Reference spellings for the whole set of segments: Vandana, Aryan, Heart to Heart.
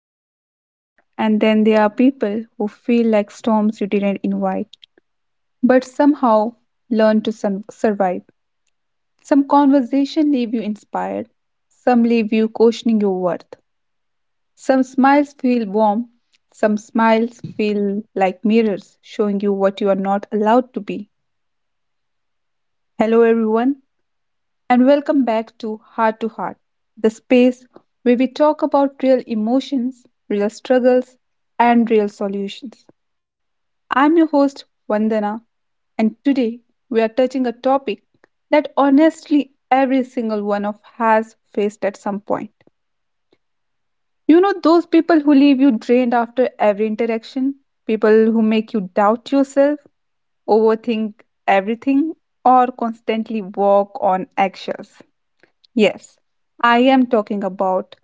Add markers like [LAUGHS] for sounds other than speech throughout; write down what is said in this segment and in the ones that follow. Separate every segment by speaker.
Speaker 1: like sunlight, and then there are people who feel like storms you didn't invite, but somehow learn to survive. Some conversation leave you inspired, some leave you questioning your worth. Some smiles feel warm, some smiles feel like mirrors showing you what you are not allowed to be. Hello, everyone, and welcome back to Heart, the space where we talk about real emotions, real struggles, and real solutions. I'm your host, Vandana, and today we are touching a topic that honestly every single one of has faced at some point. You know, those people who leave you drained after every interaction, people who make you doubt yourself, overthink everything, or constantly walk on eggshells. Yes, I am talking about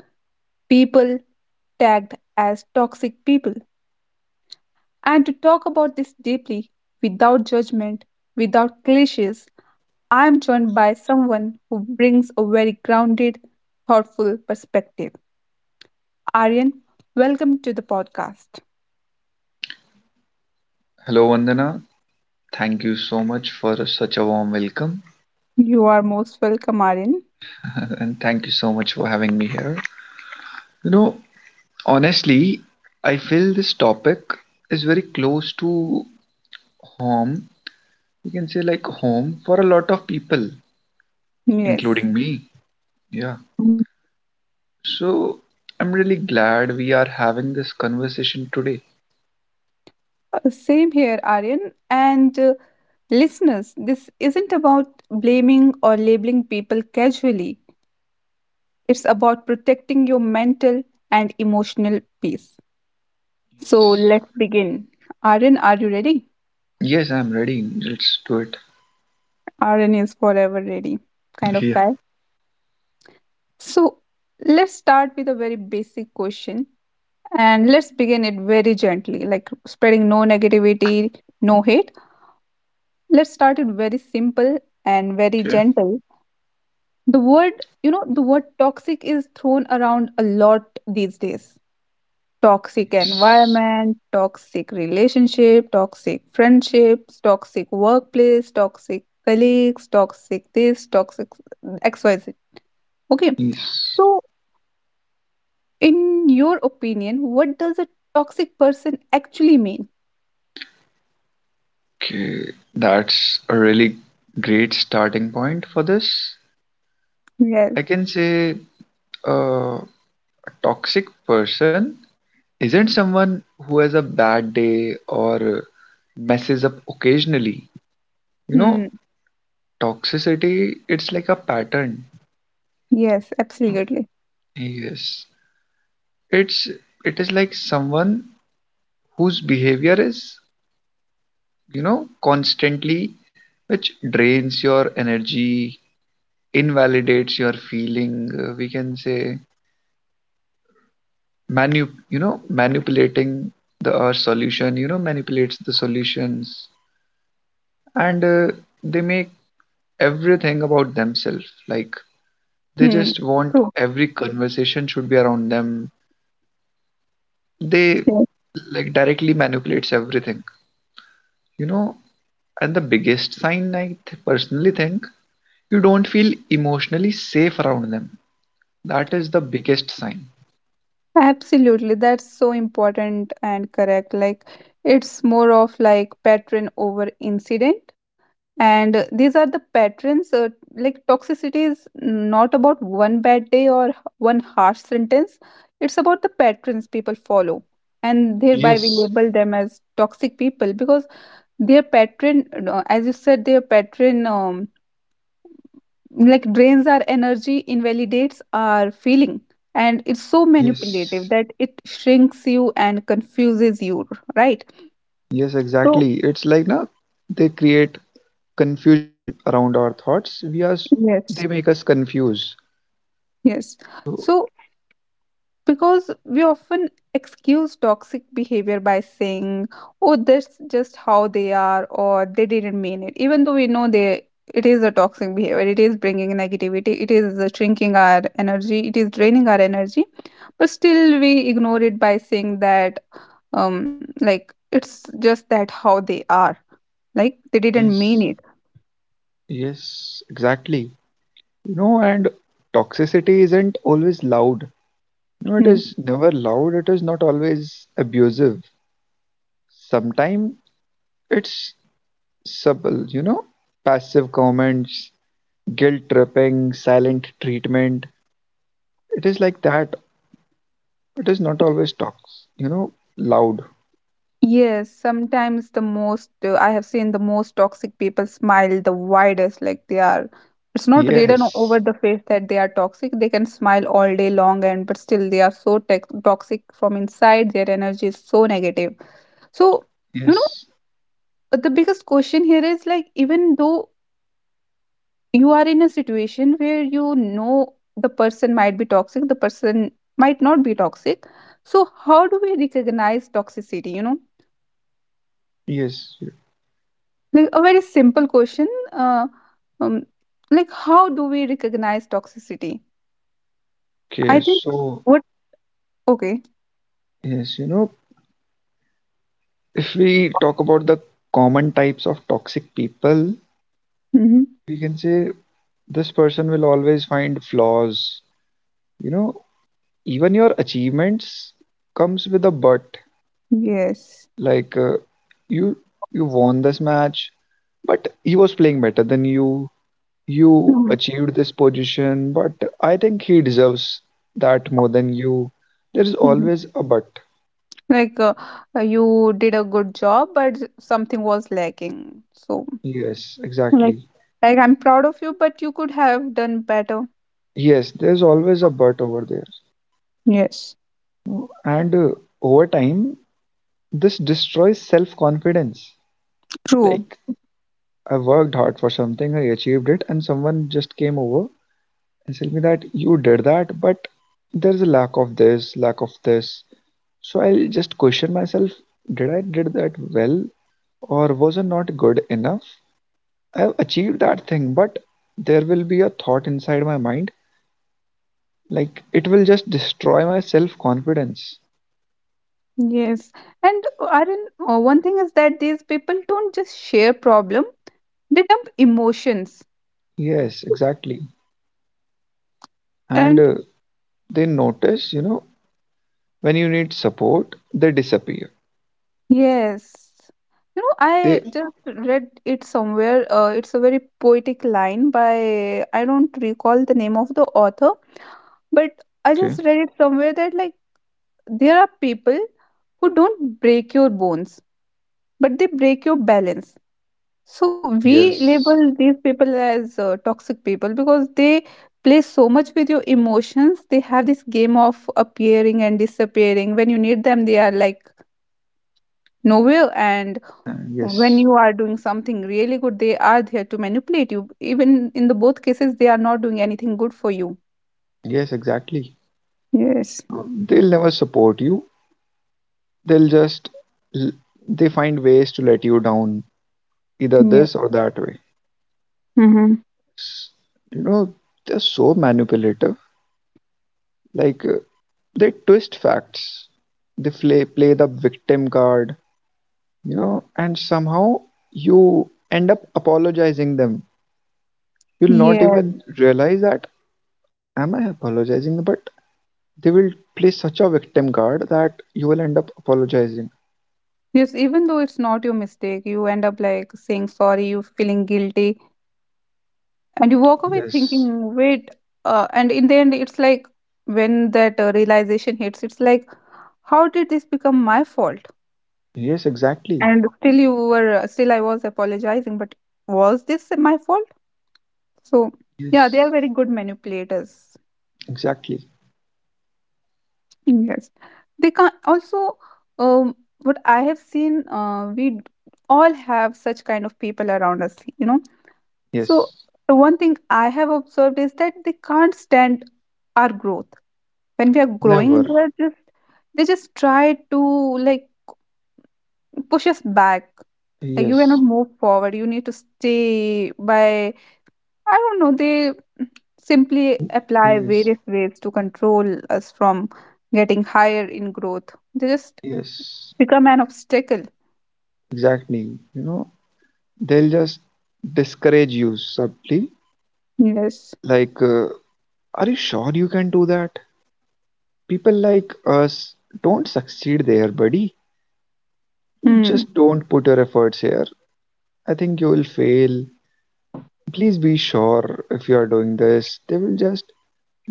Speaker 1: people tagged as toxic people. And to talk about this deeply, without judgment, without cliches, I am joined by someone who brings a very grounded, thoughtful perspective. Aryan, welcome to the podcast.
Speaker 2: Hello, Vandana. Thank you so much for such a warm welcome
Speaker 1: You are most welcome, Aryan.
Speaker 2: [LAUGHS] and thank you so much for having me here. You know, honestly, I feel this topic is very close to home. You can say like home for a lot of people,
Speaker 1: Yes.
Speaker 2: including me. Yeah. So I'm really glad we are having this conversation today.
Speaker 1: Same here, Aryan. And listeners, this isn't about blaming or labeling people casually. It's about protecting your mental and emotional peace. So
Speaker 2: Yes.
Speaker 1: let's begin. Aryan, are you ready?
Speaker 2: Yes, I'm ready. Let's do it.
Speaker 1: Aryan is forever ready, kind of
Speaker 2: Yeah.
Speaker 1: guy. So let's start with a very basic question, and let's begin it very gently, like spreading no negativity, no hate. Let's start it very simple and very
Speaker 2: Okay.
Speaker 1: gentle. The word, you know, the word toxic is thrown around a lot these days. Toxic
Speaker 2: Yes.
Speaker 1: environment, toxic relationship, toxic friendships, toxic workplace, toxic colleagues, toxic this, toxic XYZ. Okay.
Speaker 2: Yes.
Speaker 1: So, in your opinion, what does a toxic person actually mean?
Speaker 2: Okay, that's a really great starting point for this.
Speaker 1: Yes.
Speaker 2: I can say uh, a toxic person isn't someone who has a bad day or messes up occasionally. You know,
Speaker 1: Hmm.
Speaker 2: toxicity it's like a pattern.
Speaker 1: Yes, absolutely.
Speaker 2: Yes. It's it is like someone whose behavior is, constantly, which drains your energy, invalidates your feeling, we can say manu you know manipulating the solution you know manipulates the solutions, and they make everything about themselves, like they
Speaker 1: Hmm.
Speaker 2: just want
Speaker 1: True.
Speaker 2: every conversation should be around them. They,
Speaker 1: Yes.
Speaker 2: like, directly manipulates everything, you know and the biggest sign I personally think, you don't feel emotionally safe around them. That is the biggest sign.
Speaker 1: Absolutely. That's so important and correct. Like, it's more of like pattern over incident, and these are the patterns like toxicity is not about one bad day or one harsh sentence. It's about the patterns people follow, and thereby we
Speaker 2: Yes,
Speaker 1: label them as toxic people because their pattern, as you said, their pattern like drains our energy, invalidates our feeling, and it's so
Speaker 2: yes.
Speaker 1: manipulative that it shrinks you and confuses you, right?
Speaker 2: Yes,
Speaker 1: So
Speaker 2: exactly. It's like, now they create confusion around our thoughts. We are
Speaker 1: yes,
Speaker 2: They make us confused.
Speaker 1: yes,
Speaker 2: So
Speaker 1: so because we often excuse toxic behavior by saying, oh, that's just how they are, or they didn't mean it. Even though we know it is a toxic behavior, it is bringing negativity, it is shrinking our energy, it is draining our energy. But still, we ignore it by saying that, like, it's just that how they are. Like, they didn't mean
Speaker 2: yes.
Speaker 1: it.
Speaker 2: Yes, exactly. And toxicity isn't always loud. You know, it
Speaker 1: Hmm.
Speaker 2: is never loud. It is not always abusive. Sometimes it's subtle, you know, passive comments, guilt tripping, silent treatment. It is like that. It is not always tox you know loud.
Speaker 1: Yes, sometimes the most I have seen the most toxic people smile the widest, like they are. It's not written
Speaker 2: Yes.
Speaker 1: over the face that they are toxic. They can smile all day long, and but still they are so tex toxic from inside. Their energy is so negative. So, you know,
Speaker 2: Yes.
Speaker 1: the biggest question here is like, even though you are in a situation where you know the person might be toxic, the person might not be toxic. So, how do we recognize toxicity, you know?
Speaker 2: Yes.
Speaker 1: Like a very simple question. Um, like how do we recognize toxicity?
Speaker 2: Okay.
Speaker 1: I think
Speaker 2: So
Speaker 1: what okay.
Speaker 2: yes, you know, if we talk about the common types of toxic people,
Speaker 1: Hmm.
Speaker 2: we can say this person will always find flaws. You know, even your achievements comes with a but.
Speaker 1: Yes.
Speaker 2: Like, you you won this match, but he was playing better than you. You
Speaker 1: Mhm.
Speaker 2: achieved this position, but I think he deserves that more than you. There is
Speaker 1: Mhm.
Speaker 2: always a but.
Speaker 1: Like you did a good job, but something was lacking. So
Speaker 2: Yes,
Speaker 1: like
Speaker 2: exactly.
Speaker 1: like I'm proud of you, but you could have done better.
Speaker 2: Yes, there's always a but over there.
Speaker 1: Yes,
Speaker 2: And over time, this destroys self confidence.
Speaker 1: true.
Speaker 2: Like, I worked hard for something, I achieved it, and someone just came over and told me that you did that, but there's a lack of this, lack of this. So I'll just question myself, did I did that well, or was I not good enough? I've achieved that thing, but there will be a thought inside my mind, like it will just destroy my self confidence.
Speaker 1: Yes, and Arun, one thing is that these people don't just share problem; they dump emotions,
Speaker 2: Yes, exactly. And
Speaker 1: and
Speaker 2: they notice, you know, when you need support, they disappear.
Speaker 1: yes. You know, I
Speaker 2: They
Speaker 1: just read it somewhere. It's a very poetic line by, I don't recall the name of the author, but I just
Speaker 2: Okay.
Speaker 1: read it somewhere that, like, there are people who don't break your bones, but they break your balance. So we
Speaker 2: Yes.
Speaker 1: label these people as toxic people because they play so much with your emotions. They have this game of appearing and disappearing. When you need them, they are like novel, and when
Speaker 2: Yes.
Speaker 1: you are doing something really good, they are there to manipulate you. Even in the both cases they are not doing anything good for you.
Speaker 2: Yes, exactly.
Speaker 1: Yes.
Speaker 2: They'll never support you. They'll just l- they find ways to let you down, either
Speaker 1: Yeah.
Speaker 2: this or that way.
Speaker 1: Mm-hmm.
Speaker 2: S- you know, they're so manipulative. Like, they twist facts, they play the victim card, you know, and somehow you end up apologizing them. You'll not
Speaker 1: Yes.
Speaker 2: even realize that, am I apologizing? But they will play such a victim card that you will end up apologizing.
Speaker 1: Yes, even though it's not your mistake, you end up like saying sorry, you feeling guilty, and you walk away
Speaker 2: Yes.
Speaker 1: thinking, wait, and in the end it's like when that realization hits, it's like, how did this become my fault?
Speaker 2: Yes, exactly.
Speaker 1: And still you were, still I was apologizing, but was this my fault? So yeah, they are
Speaker 2: Yes.
Speaker 1: very good manipulators.
Speaker 2: Exactly.
Speaker 1: Yes, they can not also. What I have seen, all have such kind of people around us. You know, so
Speaker 2: Yes.
Speaker 1: the one thing I have observed is that they can't stand our growth. When we are growing,
Speaker 2: Never.
Speaker 1: they just try to like push us back. Like you cannot
Speaker 2: Yes.
Speaker 1: move forward. You need to stay by. I don't know, they simply apply
Speaker 2: Yes.
Speaker 1: various ways to control us from getting higher in growth. They just
Speaker 2: Yes.
Speaker 1: become an obstacle.
Speaker 2: Exactly. You know, they'll just discourage you subtly.
Speaker 1: Yes.
Speaker 2: Like, are you sure you can do that? People like us don't succeed there, buddy.
Speaker 1: Hmm.
Speaker 2: Just don't put your efforts here. I think you will fail. Please be sure if you are doing this. They will just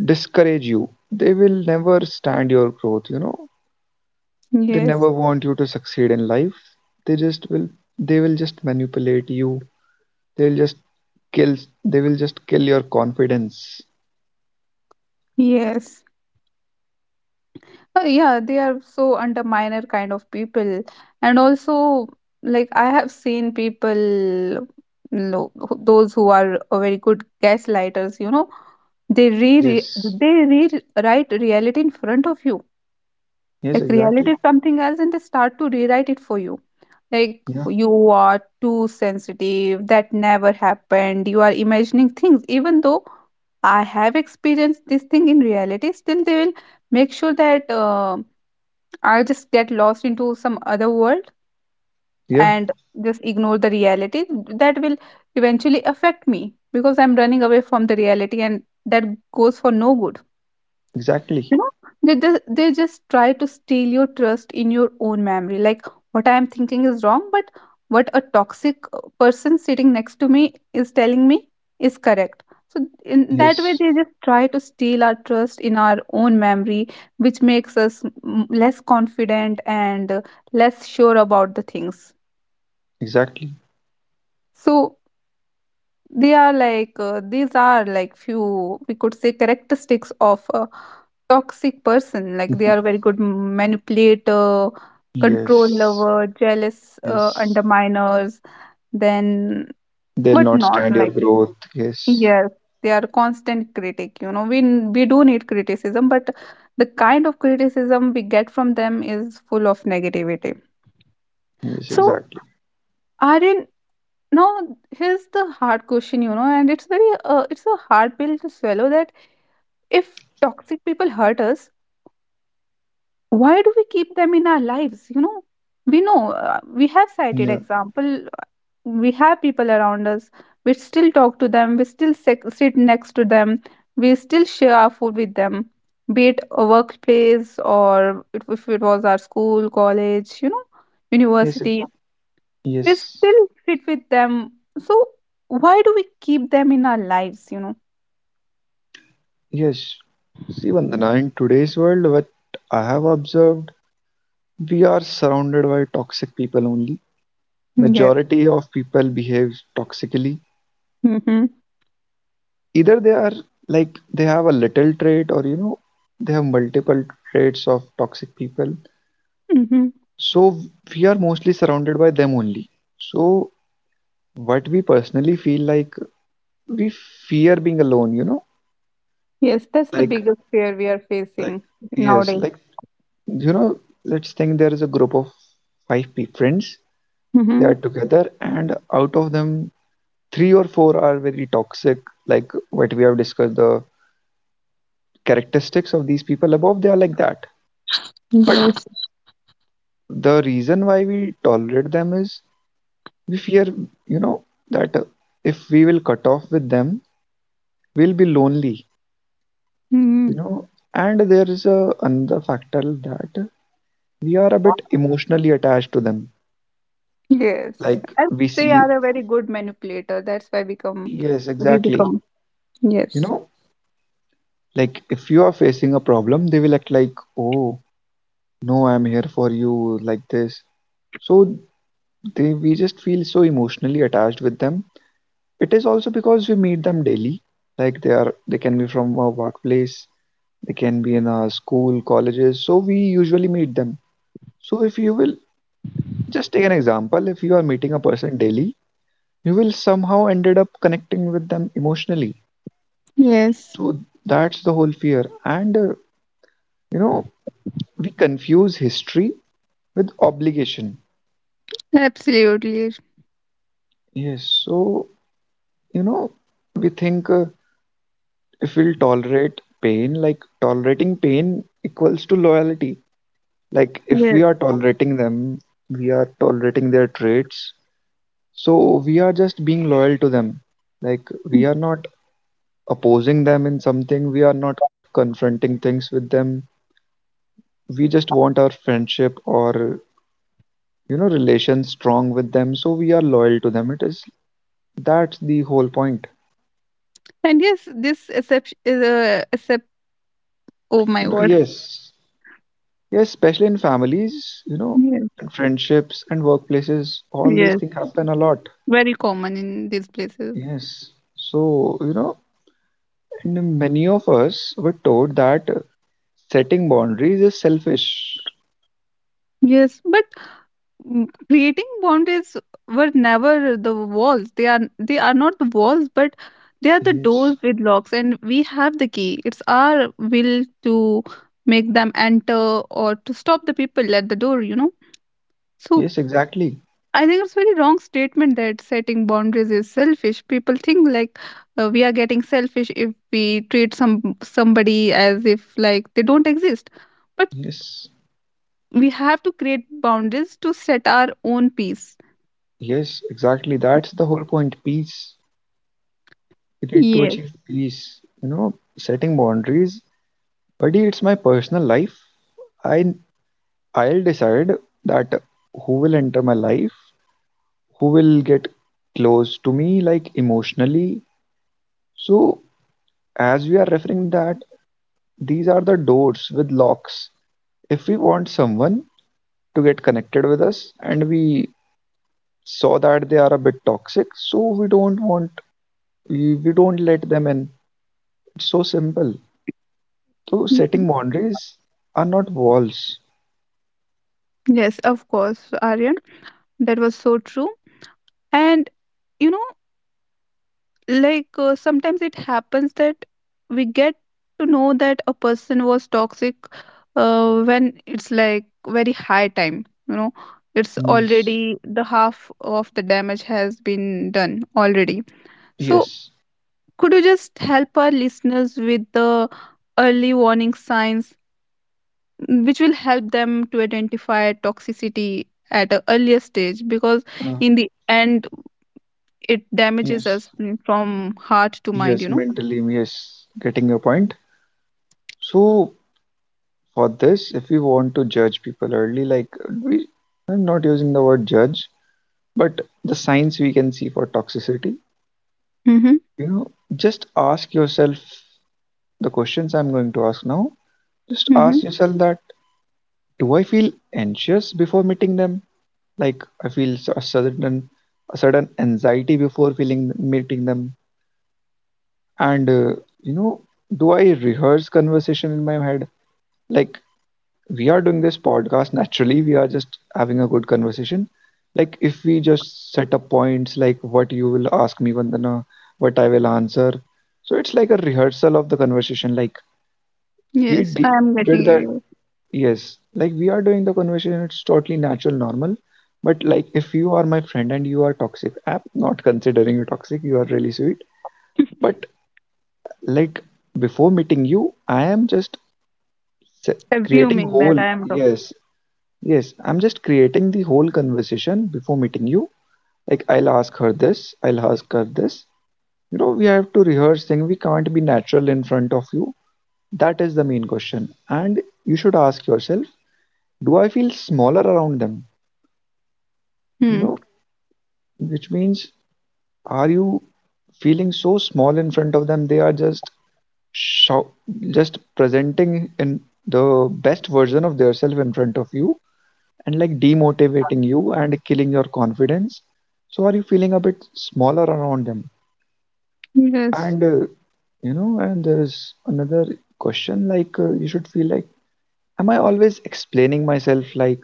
Speaker 2: discourage you. They will never stand your growth, you know. They
Speaker 1: Yes.
Speaker 2: never want you to succeed in life. They just will they will just manipulate you. They'll just kill, they will just kill your confidence.
Speaker 1: Yes. Yeah, they are so underminer kind of people. And also, like, I have seen people, those who are very good gaslighters, you know,
Speaker 2: Yes.
Speaker 1: they rewrite reality in front of you.
Speaker 2: Yes,
Speaker 1: Like reality is
Speaker 2: exactly.
Speaker 1: something else and they start to rewrite it for you. Like,
Speaker 2: Yeah.
Speaker 1: you are too sensitive, that never happened, you are imagining things, even though I have experienced this thing in reality, still they will make sure that I just get lost into some other world
Speaker 2: Yeah,
Speaker 1: and just ignore the reality that will eventually affect me because I'm running away from the reality, and that goes for no good. You
Speaker 2: exactly.
Speaker 1: know, they just try to steal your trust in your own memory. Like, what I am thinking is wrong, but what a toxic person sitting next to me is telling me is correct. So in that way
Speaker 2: Yes,
Speaker 1: they just try to steal our trust in our own memory, which makes us less confident and less sure about the things.
Speaker 2: exactly.
Speaker 1: So they are like, these are like few we could say characteristics of a toxic person. Like, they are
Speaker 2: [LAUGHS]
Speaker 1: very good manipulator, control
Speaker 2: Yes.
Speaker 1: lover, jealous
Speaker 2: Yes,
Speaker 1: underminers. Then
Speaker 2: they'll
Speaker 1: but
Speaker 2: not
Speaker 1: not
Speaker 2: stand your
Speaker 1: like
Speaker 2: growth. Yes.
Speaker 1: yes, they are constant critic. You know, we do need criticism, but the kind of criticism we get from them is full of negativity.
Speaker 2: Yes,
Speaker 1: So
Speaker 2: exactly.
Speaker 1: Aryan, now here's the hard question, you know, and it's very it's a hard pill to swallow that if toxic people hurt us, why do we keep them in our lives? You know we have cited
Speaker 2: Yeah.
Speaker 1: example. We have people around us. We still talk to them. We still sit next to them. We still share our food with them, be it a workplace or if it was our school, college, you know,
Speaker 2: Yes,
Speaker 1: university.
Speaker 2: yes.
Speaker 1: We still sit with them. So why do we keep them in our lives? You know.
Speaker 2: Yes. See, Vandana, in today's world, what I have observed, we are surrounded by toxic people only.
Speaker 1: Yeah.
Speaker 2: Majority of people behave toxically.
Speaker 1: Mm-hmm.
Speaker 2: Either they are, like, they have a little trait, or, you know, they have multiple traits of toxic people.
Speaker 1: Mm-hmm.
Speaker 2: So we are mostly surrounded by them only. So what we personally feel, like we fear being alone. You know,
Speaker 1: Yes, that's the
Speaker 2: like
Speaker 1: biggest fear we are
Speaker 2: like,
Speaker 1: facing
Speaker 2: yes,
Speaker 1: nowadays.
Speaker 2: like, you know, let's think there is a group of five friends. They are
Speaker 1: Hmm.
Speaker 2: together, and out of them three or four are very toxic, like what we have discussed, the characteristics of these people above, they are like that. But
Speaker 1: Yes.
Speaker 2: the reason why we tolerate them is, we fear, you know, that if we will cut off with them, we'll be lonely,
Speaker 1: [LAUGHS] Hmm.
Speaker 2: you know. And there is a another factor, that we are a bit emotionally attached to them.
Speaker 1: Yes,
Speaker 2: Like,
Speaker 1: and
Speaker 2: we
Speaker 1: they
Speaker 2: see,
Speaker 1: are a very good manipulator. That's why become
Speaker 2: yes,
Speaker 1: we
Speaker 2: exactly.
Speaker 1: become.
Speaker 2: You
Speaker 1: Yes.
Speaker 2: know, like if you are facing a problem, they will act like, oh no, I'm here for you, like this. So they we just feel so emotionally attached with them. It is also because we meet them daily. Like, they are, they can be from our workplace, they can be in our school colleges, so we usually meet them. So if you will just take an example, if you are meeting a person daily, you will somehow ended up connecting with them emotionally.
Speaker 1: Yes.
Speaker 2: So that's the whole fear. And you know, we confuse history with obligation.
Speaker 1: Absolutely.
Speaker 2: Yes. So, you know, we think, if we'll tolerate pain, like tolerating pain equals to loyalty. Like if we
Speaker 1: Yes.
Speaker 2: are tolerating them, we are tolerating their traits. So we are just being loyal to them. Like we are not opposing them in something, we are not confronting things with them. We just want our friendship, or you know, relations strong with them, so we are loyal to them. It is, that's the whole point.
Speaker 1: And yes, this except is a except. Oh my
Speaker 2: You know,
Speaker 1: god.
Speaker 2: yes. Yes, especially in families, you know,
Speaker 1: Yes.
Speaker 2: and friendships and workplaces, all these
Speaker 1: Yes.
Speaker 2: things happen a lot.
Speaker 1: Very common in these places.
Speaker 2: Yes. So, you know, and many of us were taught that setting boundaries is selfish.
Speaker 1: Yes, but creating boundaries were never the walls. They are they are not the walls, but they are the
Speaker 2: Yes.
Speaker 1: doors with locks, and we have the key. It's our will to make them enter or to stop the people at the door, you know. So
Speaker 2: Yes, exactly.
Speaker 1: I think it's very wrong statement that setting boundaries is selfish. People think like we are getting selfish if we treat somebody as if like they don't exist. But
Speaker 2: Yes.
Speaker 1: we have to create boundaries to set our own peace.
Speaker 2: Yes, exactly. That's the whole point. Peace. You need to
Speaker 1: Yes.
Speaker 2: achieve peace. You know, setting boundaries. Buddy, it's my personal life. I I'll decide that who will enter my life, who will get close to me, like emotionally. So as we are referring that these are the doors with locks, if we want someone to get connected with us, and we saw that they are a bit toxic, so we don't want, we don't let them in. It's so simple. So setting boundaries are not walls.
Speaker 1: Yes, of course, Aryan. That was so true. And you know, like sometimes it happens that we get to know that a person was toxic when it's like very high time. You know, it's
Speaker 2: Yes.
Speaker 1: already the half of the damage has been done already. So,
Speaker 2: Yes.
Speaker 1: could you just help our listeners with the early warning signs which will help them to identify toxicity at an earlier stage, because
Speaker 2: uh,
Speaker 1: in the end it damages us,
Speaker 2: yes.
Speaker 1: from heart to mind,
Speaker 2: Yes,
Speaker 1: you know.
Speaker 2: mentally, yes, getting your point. So for this, if we want to judge people early, like, we, I'm not using the word judge, but the signs we can see for toxicity,
Speaker 1: Mm-hmm.
Speaker 2: you know, just ask yourself, the questions I'm going to ask now. Just
Speaker 1: Mm-hmm.
Speaker 2: ask yourself that, do I feel anxious before meeting them? Like, I feel a certain, a certain anxiety before feeling, meeting them. And you know, do I rehearse conversation in my head? Like, we are doing this podcast naturally. We are just having a good conversation. Like if we just set up points, like what you will ask me, Vandana, what I will answer. So it's like a rehearsal of the conversation. Like we
Speaker 1: Yes, I
Speaker 2: d-
Speaker 1: am getting
Speaker 2: did that.
Speaker 1: you.
Speaker 2: Yes, like we are doing the conversation. It's totally natural, normal. But like if you are my friend and you are toxic, I'm not considering you toxic. You are really sweet.
Speaker 1: [LAUGHS]
Speaker 2: But, like, before meeting you, I am just se- creating
Speaker 1: Assuming that
Speaker 2: whole.
Speaker 1: I am toxic.
Speaker 2: Yes. Yes, I'm just creating the whole conversation before meeting you. Like, I'll ask her this, I'll ask her this. You know, we have to rehearse things. We can't be natural in front of you. That is the main question. And you should ask yourself, do I feel smaller around them? You
Speaker 1: Hmm.
Speaker 2: know, which means, are you feeling so small in front of them? They are just show, just presenting in the best version of themselves in front of you and like demotivating you and killing your confidence. So are you feeling a bit smaller around them?
Speaker 1: Yes.
Speaker 2: And You know, and there's another question like you should feel like am I always explaining myself, like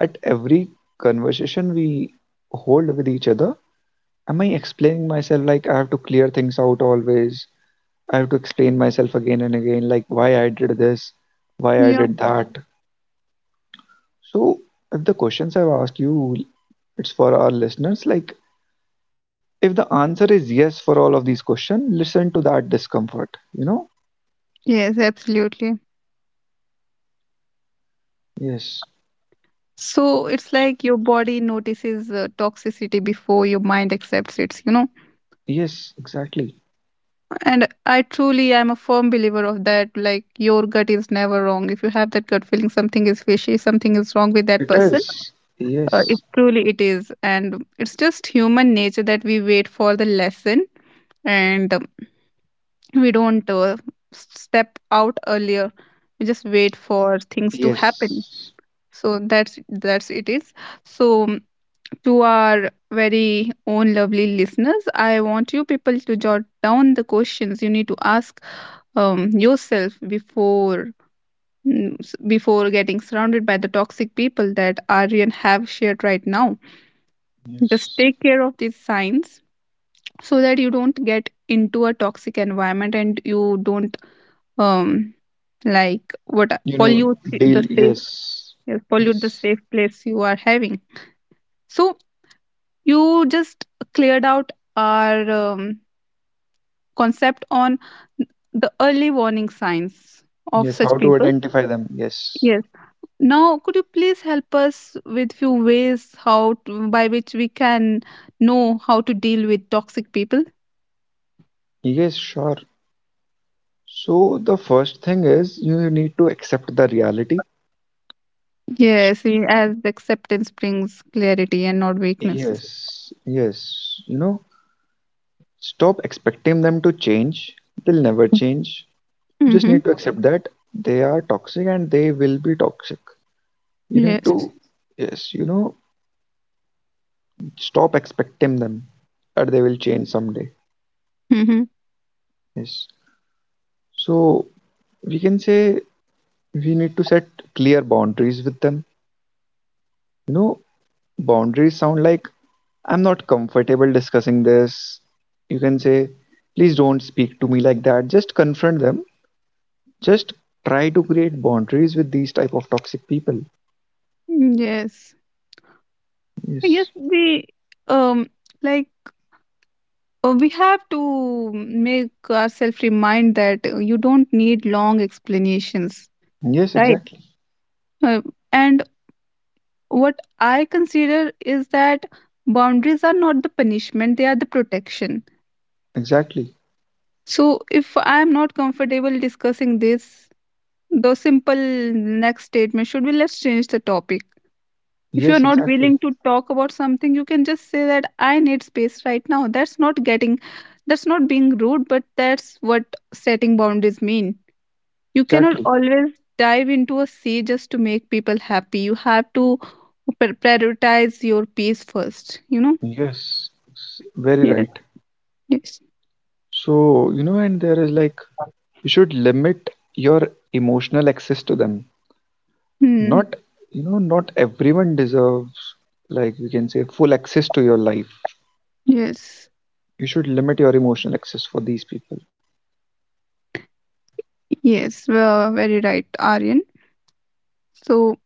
Speaker 2: at every conversation we hold with each other, am I explaining myself like I have to clear things out always, I have to explain myself again and again, like why I did this, why I
Speaker 1: Yeah.
Speaker 2: did that. So if the questions I've asked you, it's for our listeners, like if the answer is yes for all of these questions, listen to that discomfort, you know.
Speaker 1: Yes, absolutely.
Speaker 2: Yes,
Speaker 1: So it's like your body notices toxicity before your mind accepts it, you know.
Speaker 2: yes, exactly.
Speaker 1: And I truly am a firm believer of that. Like, your gut is never wrong. If you have that gut feeling, something is fishy, something is wrong with that
Speaker 2: It
Speaker 1: person.
Speaker 2: is.
Speaker 1: It
Speaker 2: Yes,
Speaker 1: truly it is, and it's just human nature that we wait for the lesson and we don't step out earlier. We just wait for things to happen.
Speaker 2: yes,
Speaker 1: So that's it is. So to our very own lovely listeners, I want you people to jot down the questions you need to ask yourself before before getting surrounded by the toxic people that Aryan have shared right now. Just
Speaker 2: yes,
Speaker 1: take care of these signs so that you don't get into a toxic environment and you don't um like what
Speaker 2: you know,
Speaker 1: pollute
Speaker 2: deal.
Speaker 1: the safe
Speaker 2: Yes.
Speaker 1: yes, pollute the
Speaker 2: Yes,
Speaker 1: safe place you are having. So you just cleared out our concept on the early warning signs of
Speaker 2: yes,
Speaker 1: such
Speaker 2: how to
Speaker 1: people.
Speaker 2: identify them, yes.
Speaker 1: Yes. Now, could you please help us with few ways how to, by which we can know how to deal with toxic people?
Speaker 2: Yes, sure. So the first thing is you need to accept the reality. S-
Speaker 1: Yes, as acceptance brings clarity and not weaknesses.
Speaker 2: yes, yes, you know, stop expecting them to change, they'll never change. Just
Speaker 1: Mm-hmm.
Speaker 2: need to accept that they are toxic and they will be toxic. You need to,
Speaker 1: Yes.
Speaker 2: yes, you know, stop expecting them or they will change someday.
Speaker 1: Mm-hmm.
Speaker 2: Yes. So we can say we need to set clear boundaries with them, you know. Boundaries sound like, I'm not comfortable discussing this. You can say, please don't speak to me like that. Just confront them. Just try to create boundaries with these type of toxic people.
Speaker 1: Yes. Yes,
Speaker 2: Yes,
Speaker 1: we um like we have to make ourselves remind that you don't need long explanations,
Speaker 2: yes,
Speaker 1: right?
Speaker 2: exactly.
Speaker 1: Uh, and what I consider is that boundaries are not the punishment, they are the protection.
Speaker 2: Exactly.
Speaker 1: So if I am not comfortable discussing this, the simple next statement should be let's change the topic. If you're
Speaker 2: Yes,
Speaker 1: not willing
Speaker 2: exactly.
Speaker 1: to talk about something, you can just say that I need space right now. That's not getting, that's not being rude, but that's what setting boundaries mean. You cannot
Speaker 2: Exactly.
Speaker 1: always dive into a sea just to make people happy. You have to prioritize your peace first, you know?
Speaker 2: Yes, very
Speaker 1: Yes,
Speaker 2: right.
Speaker 1: yes.
Speaker 2: So, you know, and there is like you should limit your emotional access to them.
Speaker 1: Hmm.
Speaker 2: Not, you know, not everyone deserves, like we can say, full access to your life.
Speaker 1: Yes,
Speaker 2: You should limit your emotional access for these people.
Speaker 1: yes. Well, very right, Aryan. So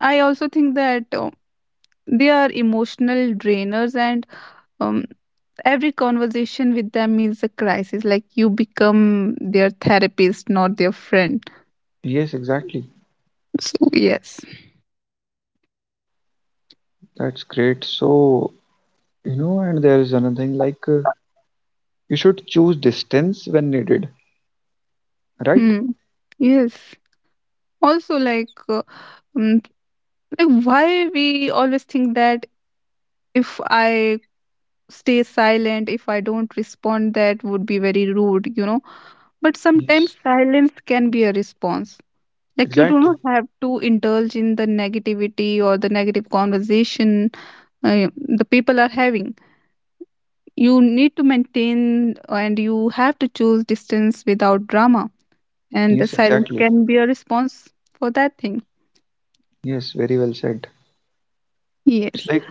Speaker 1: I also think that they are emotional drainers, and um, every conversation with them is a crisis. Like you become their therapist, not their friend.
Speaker 2: Yes, exactly.
Speaker 1: So yes.
Speaker 2: That's great. So, you know, and there is another thing like you should choose distance when needed, right?
Speaker 1: Hmm. Yes. Also, um, like why we always think that if I stay silent, if I don't respond, that would be very rude, you know? But
Speaker 2: Yes,
Speaker 1: sometimes silence can be a response. Like you do
Speaker 2: exactly.
Speaker 1: not have to indulge in the negativity or the negative conversation the people are having. You need to maintain and you have to choose distance without drama. And the
Speaker 2: Yes,
Speaker 1: silence
Speaker 2: exactly.
Speaker 1: can be a response for that thing.
Speaker 2: Yes, very well said. It's
Speaker 1: Yes.
Speaker 2: like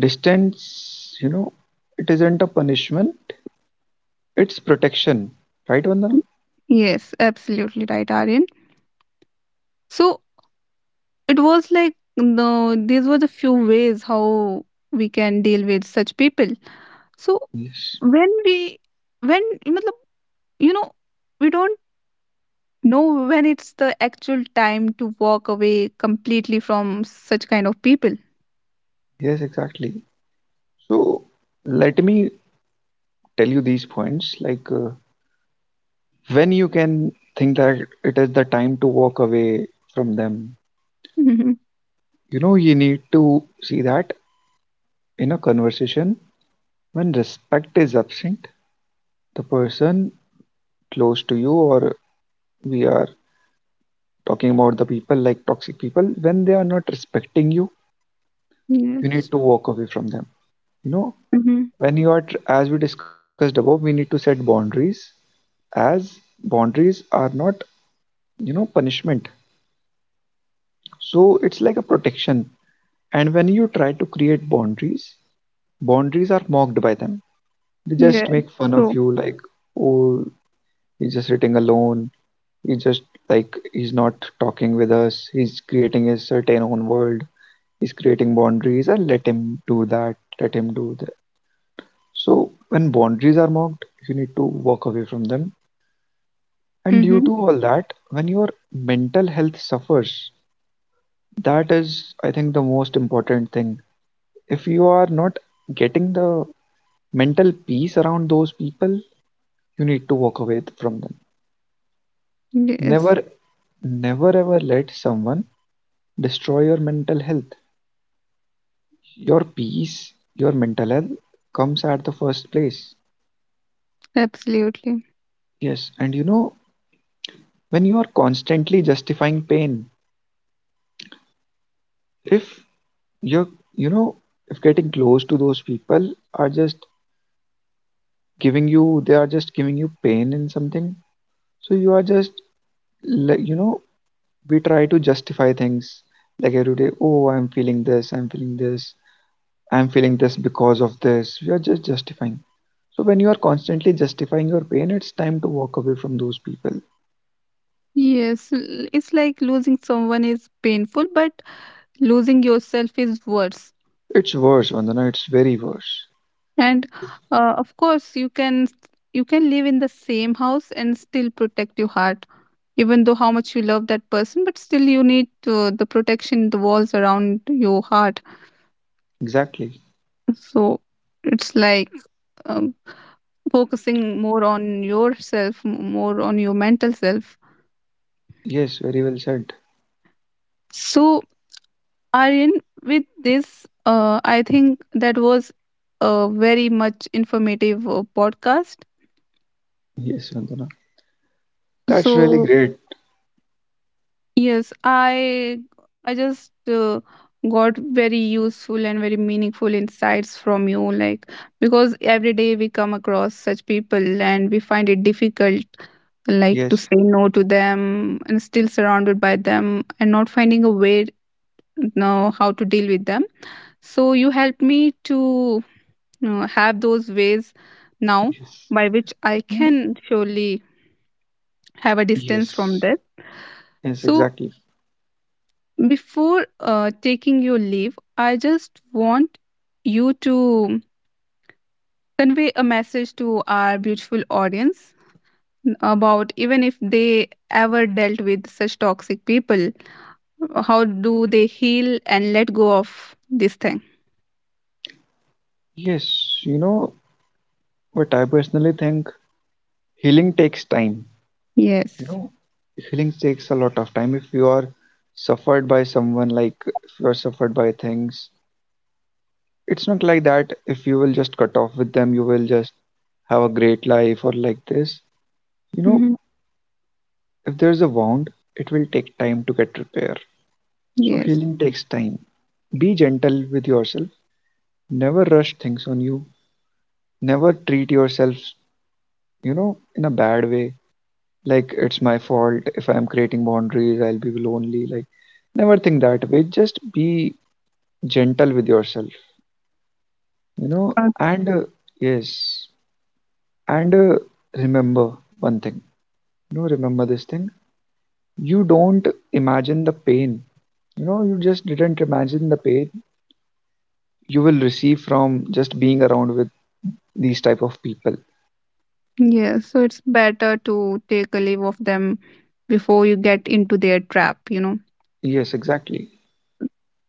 Speaker 2: distance, you know, it isn't a punishment, it's protection. Right, Vandana?
Speaker 1: Yes, absolutely right, Aryan. So it was like no, these were the few ways how we can deal with such people. So
Speaker 2: Yes.
Speaker 1: when we when मतलब, you know, we don't know when it's the actual time to walk away completely from such kind of people.
Speaker 2: Yes, exactly. So, let me tell you these points like when you can think that it is the time to walk away from them.
Speaker 1: Hmm.
Speaker 2: You know, you need to see that in a conversation when respect is absent, the person close to you, or we are talking about the people like toxic people, when they are not respecting you, you need
Speaker 1: Yes.
Speaker 2: to walk away from them. You know,
Speaker 1: Hmm.
Speaker 2: when you are as we discussed above, we need to set boundaries, as boundaries are not, you know, punishment, so it's like a protection. And when you try to create boundaries, boundaries are mocked by them, they just
Speaker 1: Yeah,
Speaker 2: make fun of
Speaker 1: so
Speaker 2: you like, oh, he's just sitting alone, he just, like, he's not talking with us, he's creating his certain own world, he's creating boundaries, and let him do that, let him do that. So when boundaries are mocked, you need to walk away from them. And due
Speaker 1: hmm.
Speaker 2: to all that, when your mental health suffers, that is, I think, the most important thing. If you are not getting the mental peace around those people, you need to walk away from them.
Speaker 1: Yes,
Speaker 2: Never, never ever let someone destroy your mental health. Your peace, your mental health comes at the first place.
Speaker 1: absolutely.
Speaker 2: Yes, and you know, when you are constantly justifying pain, if you're, you know, if getting close to those people are just giving you, they are just giving you pain in something, so you are just, like, you know, we try to justify things, like every day, oh, I'm feeling this, I'm feeling this, I'm feeling this, because of this we are just justifying. So when you are constantly justifying your pain, it's time to walk away from those people.
Speaker 1: Yes, it's like losing someone is painful but losing yourself is worse.
Speaker 2: It's worse, Vandana, it's very worse.
Speaker 1: And of course you can live in the same house and still protect your heart, even though how much you love that person, but still you need to, the protection, the walls around your heart.
Speaker 2: Exactly.
Speaker 1: So it's like um, focusing more on yourself, more on your mental self.
Speaker 2: Yes, very well said.
Speaker 1: So Aryan, with this I think that was a very much informative podcast.
Speaker 2: Yes, Vandana. That's really
Speaker 1: So
Speaker 2: great.
Speaker 1: yes, I just got very useful and very meaningful insights from you, like because every day we come across such people and we find it difficult, like to
Speaker 2: Yes,
Speaker 1: say no to them and still surrounded by them and not finding a way know how to deal with them. So you helped me to have those ways now
Speaker 2: yes,
Speaker 1: by which I
Speaker 2: you know,
Speaker 1: can surely have a distance from
Speaker 2: yes,
Speaker 1: this.
Speaker 2: yes,
Speaker 1: So
Speaker 2: exactly.
Speaker 1: before taking your leave, I just want you to convey a message to our beautiful audience about even if they ever dealt with such toxic people, how do they heal and let go of this thing?
Speaker 2: Yes, you know, but I personally think healing takes time. You
Speaker 1: Yes.
Speaker 2: know, healing takes a lot of time. If you are suffered by someone, like if you are suffered by things, it's not like that. If you will just cut off with them, you will just have a great life or like this. You know,
Speaker 1: Hmm.
Speaker 2: if there's a wound, it will take time to get repair. So
Speaker 1: Yes.
Speaker 2: healing takes time. Be gentle with yourself. Never rush things on you. Never treat yourself, you know, in a bad way. Like, it's my fault, if I'm creating boundaries I'll be lonely, like, never think that way. Just be gentle with yourself. You know
Speaker 1: Uh,
Speaker 2: and Yes, and remember one thing, you know, remember this thing, you don't imagine the pain, you know, you just didn't imagine the pain you will receive from just being around with these type of people.
Speaker 1: yes. So it's better to take a leave of them before you get into their trap, you know.
Speaker 2: Yes, exactly.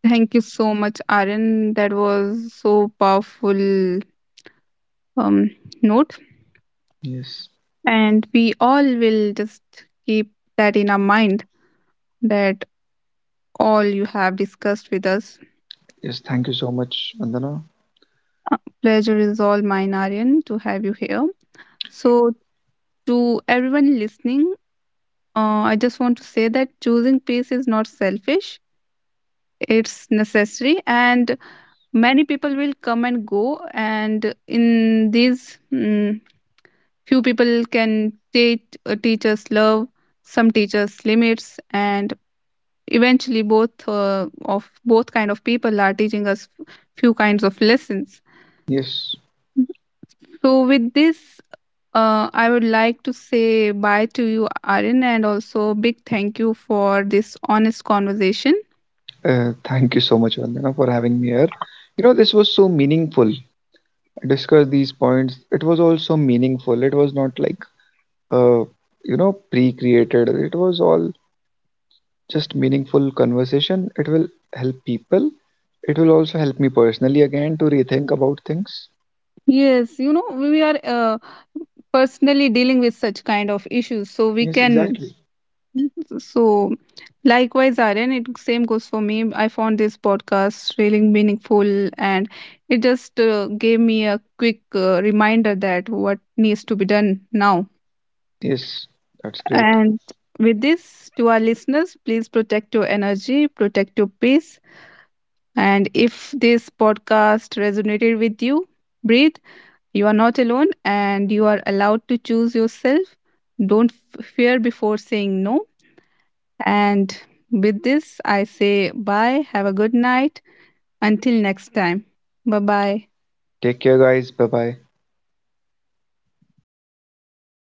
Speaker 1: Thank you so much, Aaron. That was so powerful um, note.
Speaker 2: Yes.
Speaker 1: And we all will just keep that in our mind that all you have discussed with us.
Speaker 2: Yes, thank you so much, Vandana.
Speaker 1: Uh, pleasure is all mine, Aryan, to have you here. So, to everyone listening, I just want to say that choosing peace is not selfish, it's necessary, and many people will come and go. And in these few people can teach, teach us love, some teach us limits, and eventually both of both kind of people are teaching us few kinds of lessons.
Speaker 2: Yes.
Speaker 1: So with this, I would like to say bye to you Aryan, and also big thank you for this honest conversation.
Speaker 2: Thank you so much, Vandana, for having me here. You know, this was so meaningful. Discuss these points. It was also meaningful. It was not like, uh, you know, pre-created. It was all just meaningful conversation. It will help people. It will also help me personally again to rethink about things.
Speaker 1: Yes, you know, we are personally dealing with such kind of issues, so we
Speaker 2: Yes,
Speaker 1: can
Speaker 2: exactly.
Speaker 1: [LAUGHS] So, likewise, Aryan, it same goes for me. I found this podcast really meaningful, and it just gave me a quick reminder that what needs to be done now.
Speaker 2: Yes, that's great.
Speaker 1: And with this, to our listeners, please protect your energy, protect your peace. And if this podcast resonated with you, breathe. You are not alone, and you are allowed to choose yourself. Don't fear before saying no. And with this, I say bye, have a good night. Until next time. Bye bye.
Speaker 2: Take care, guys. Bye bye.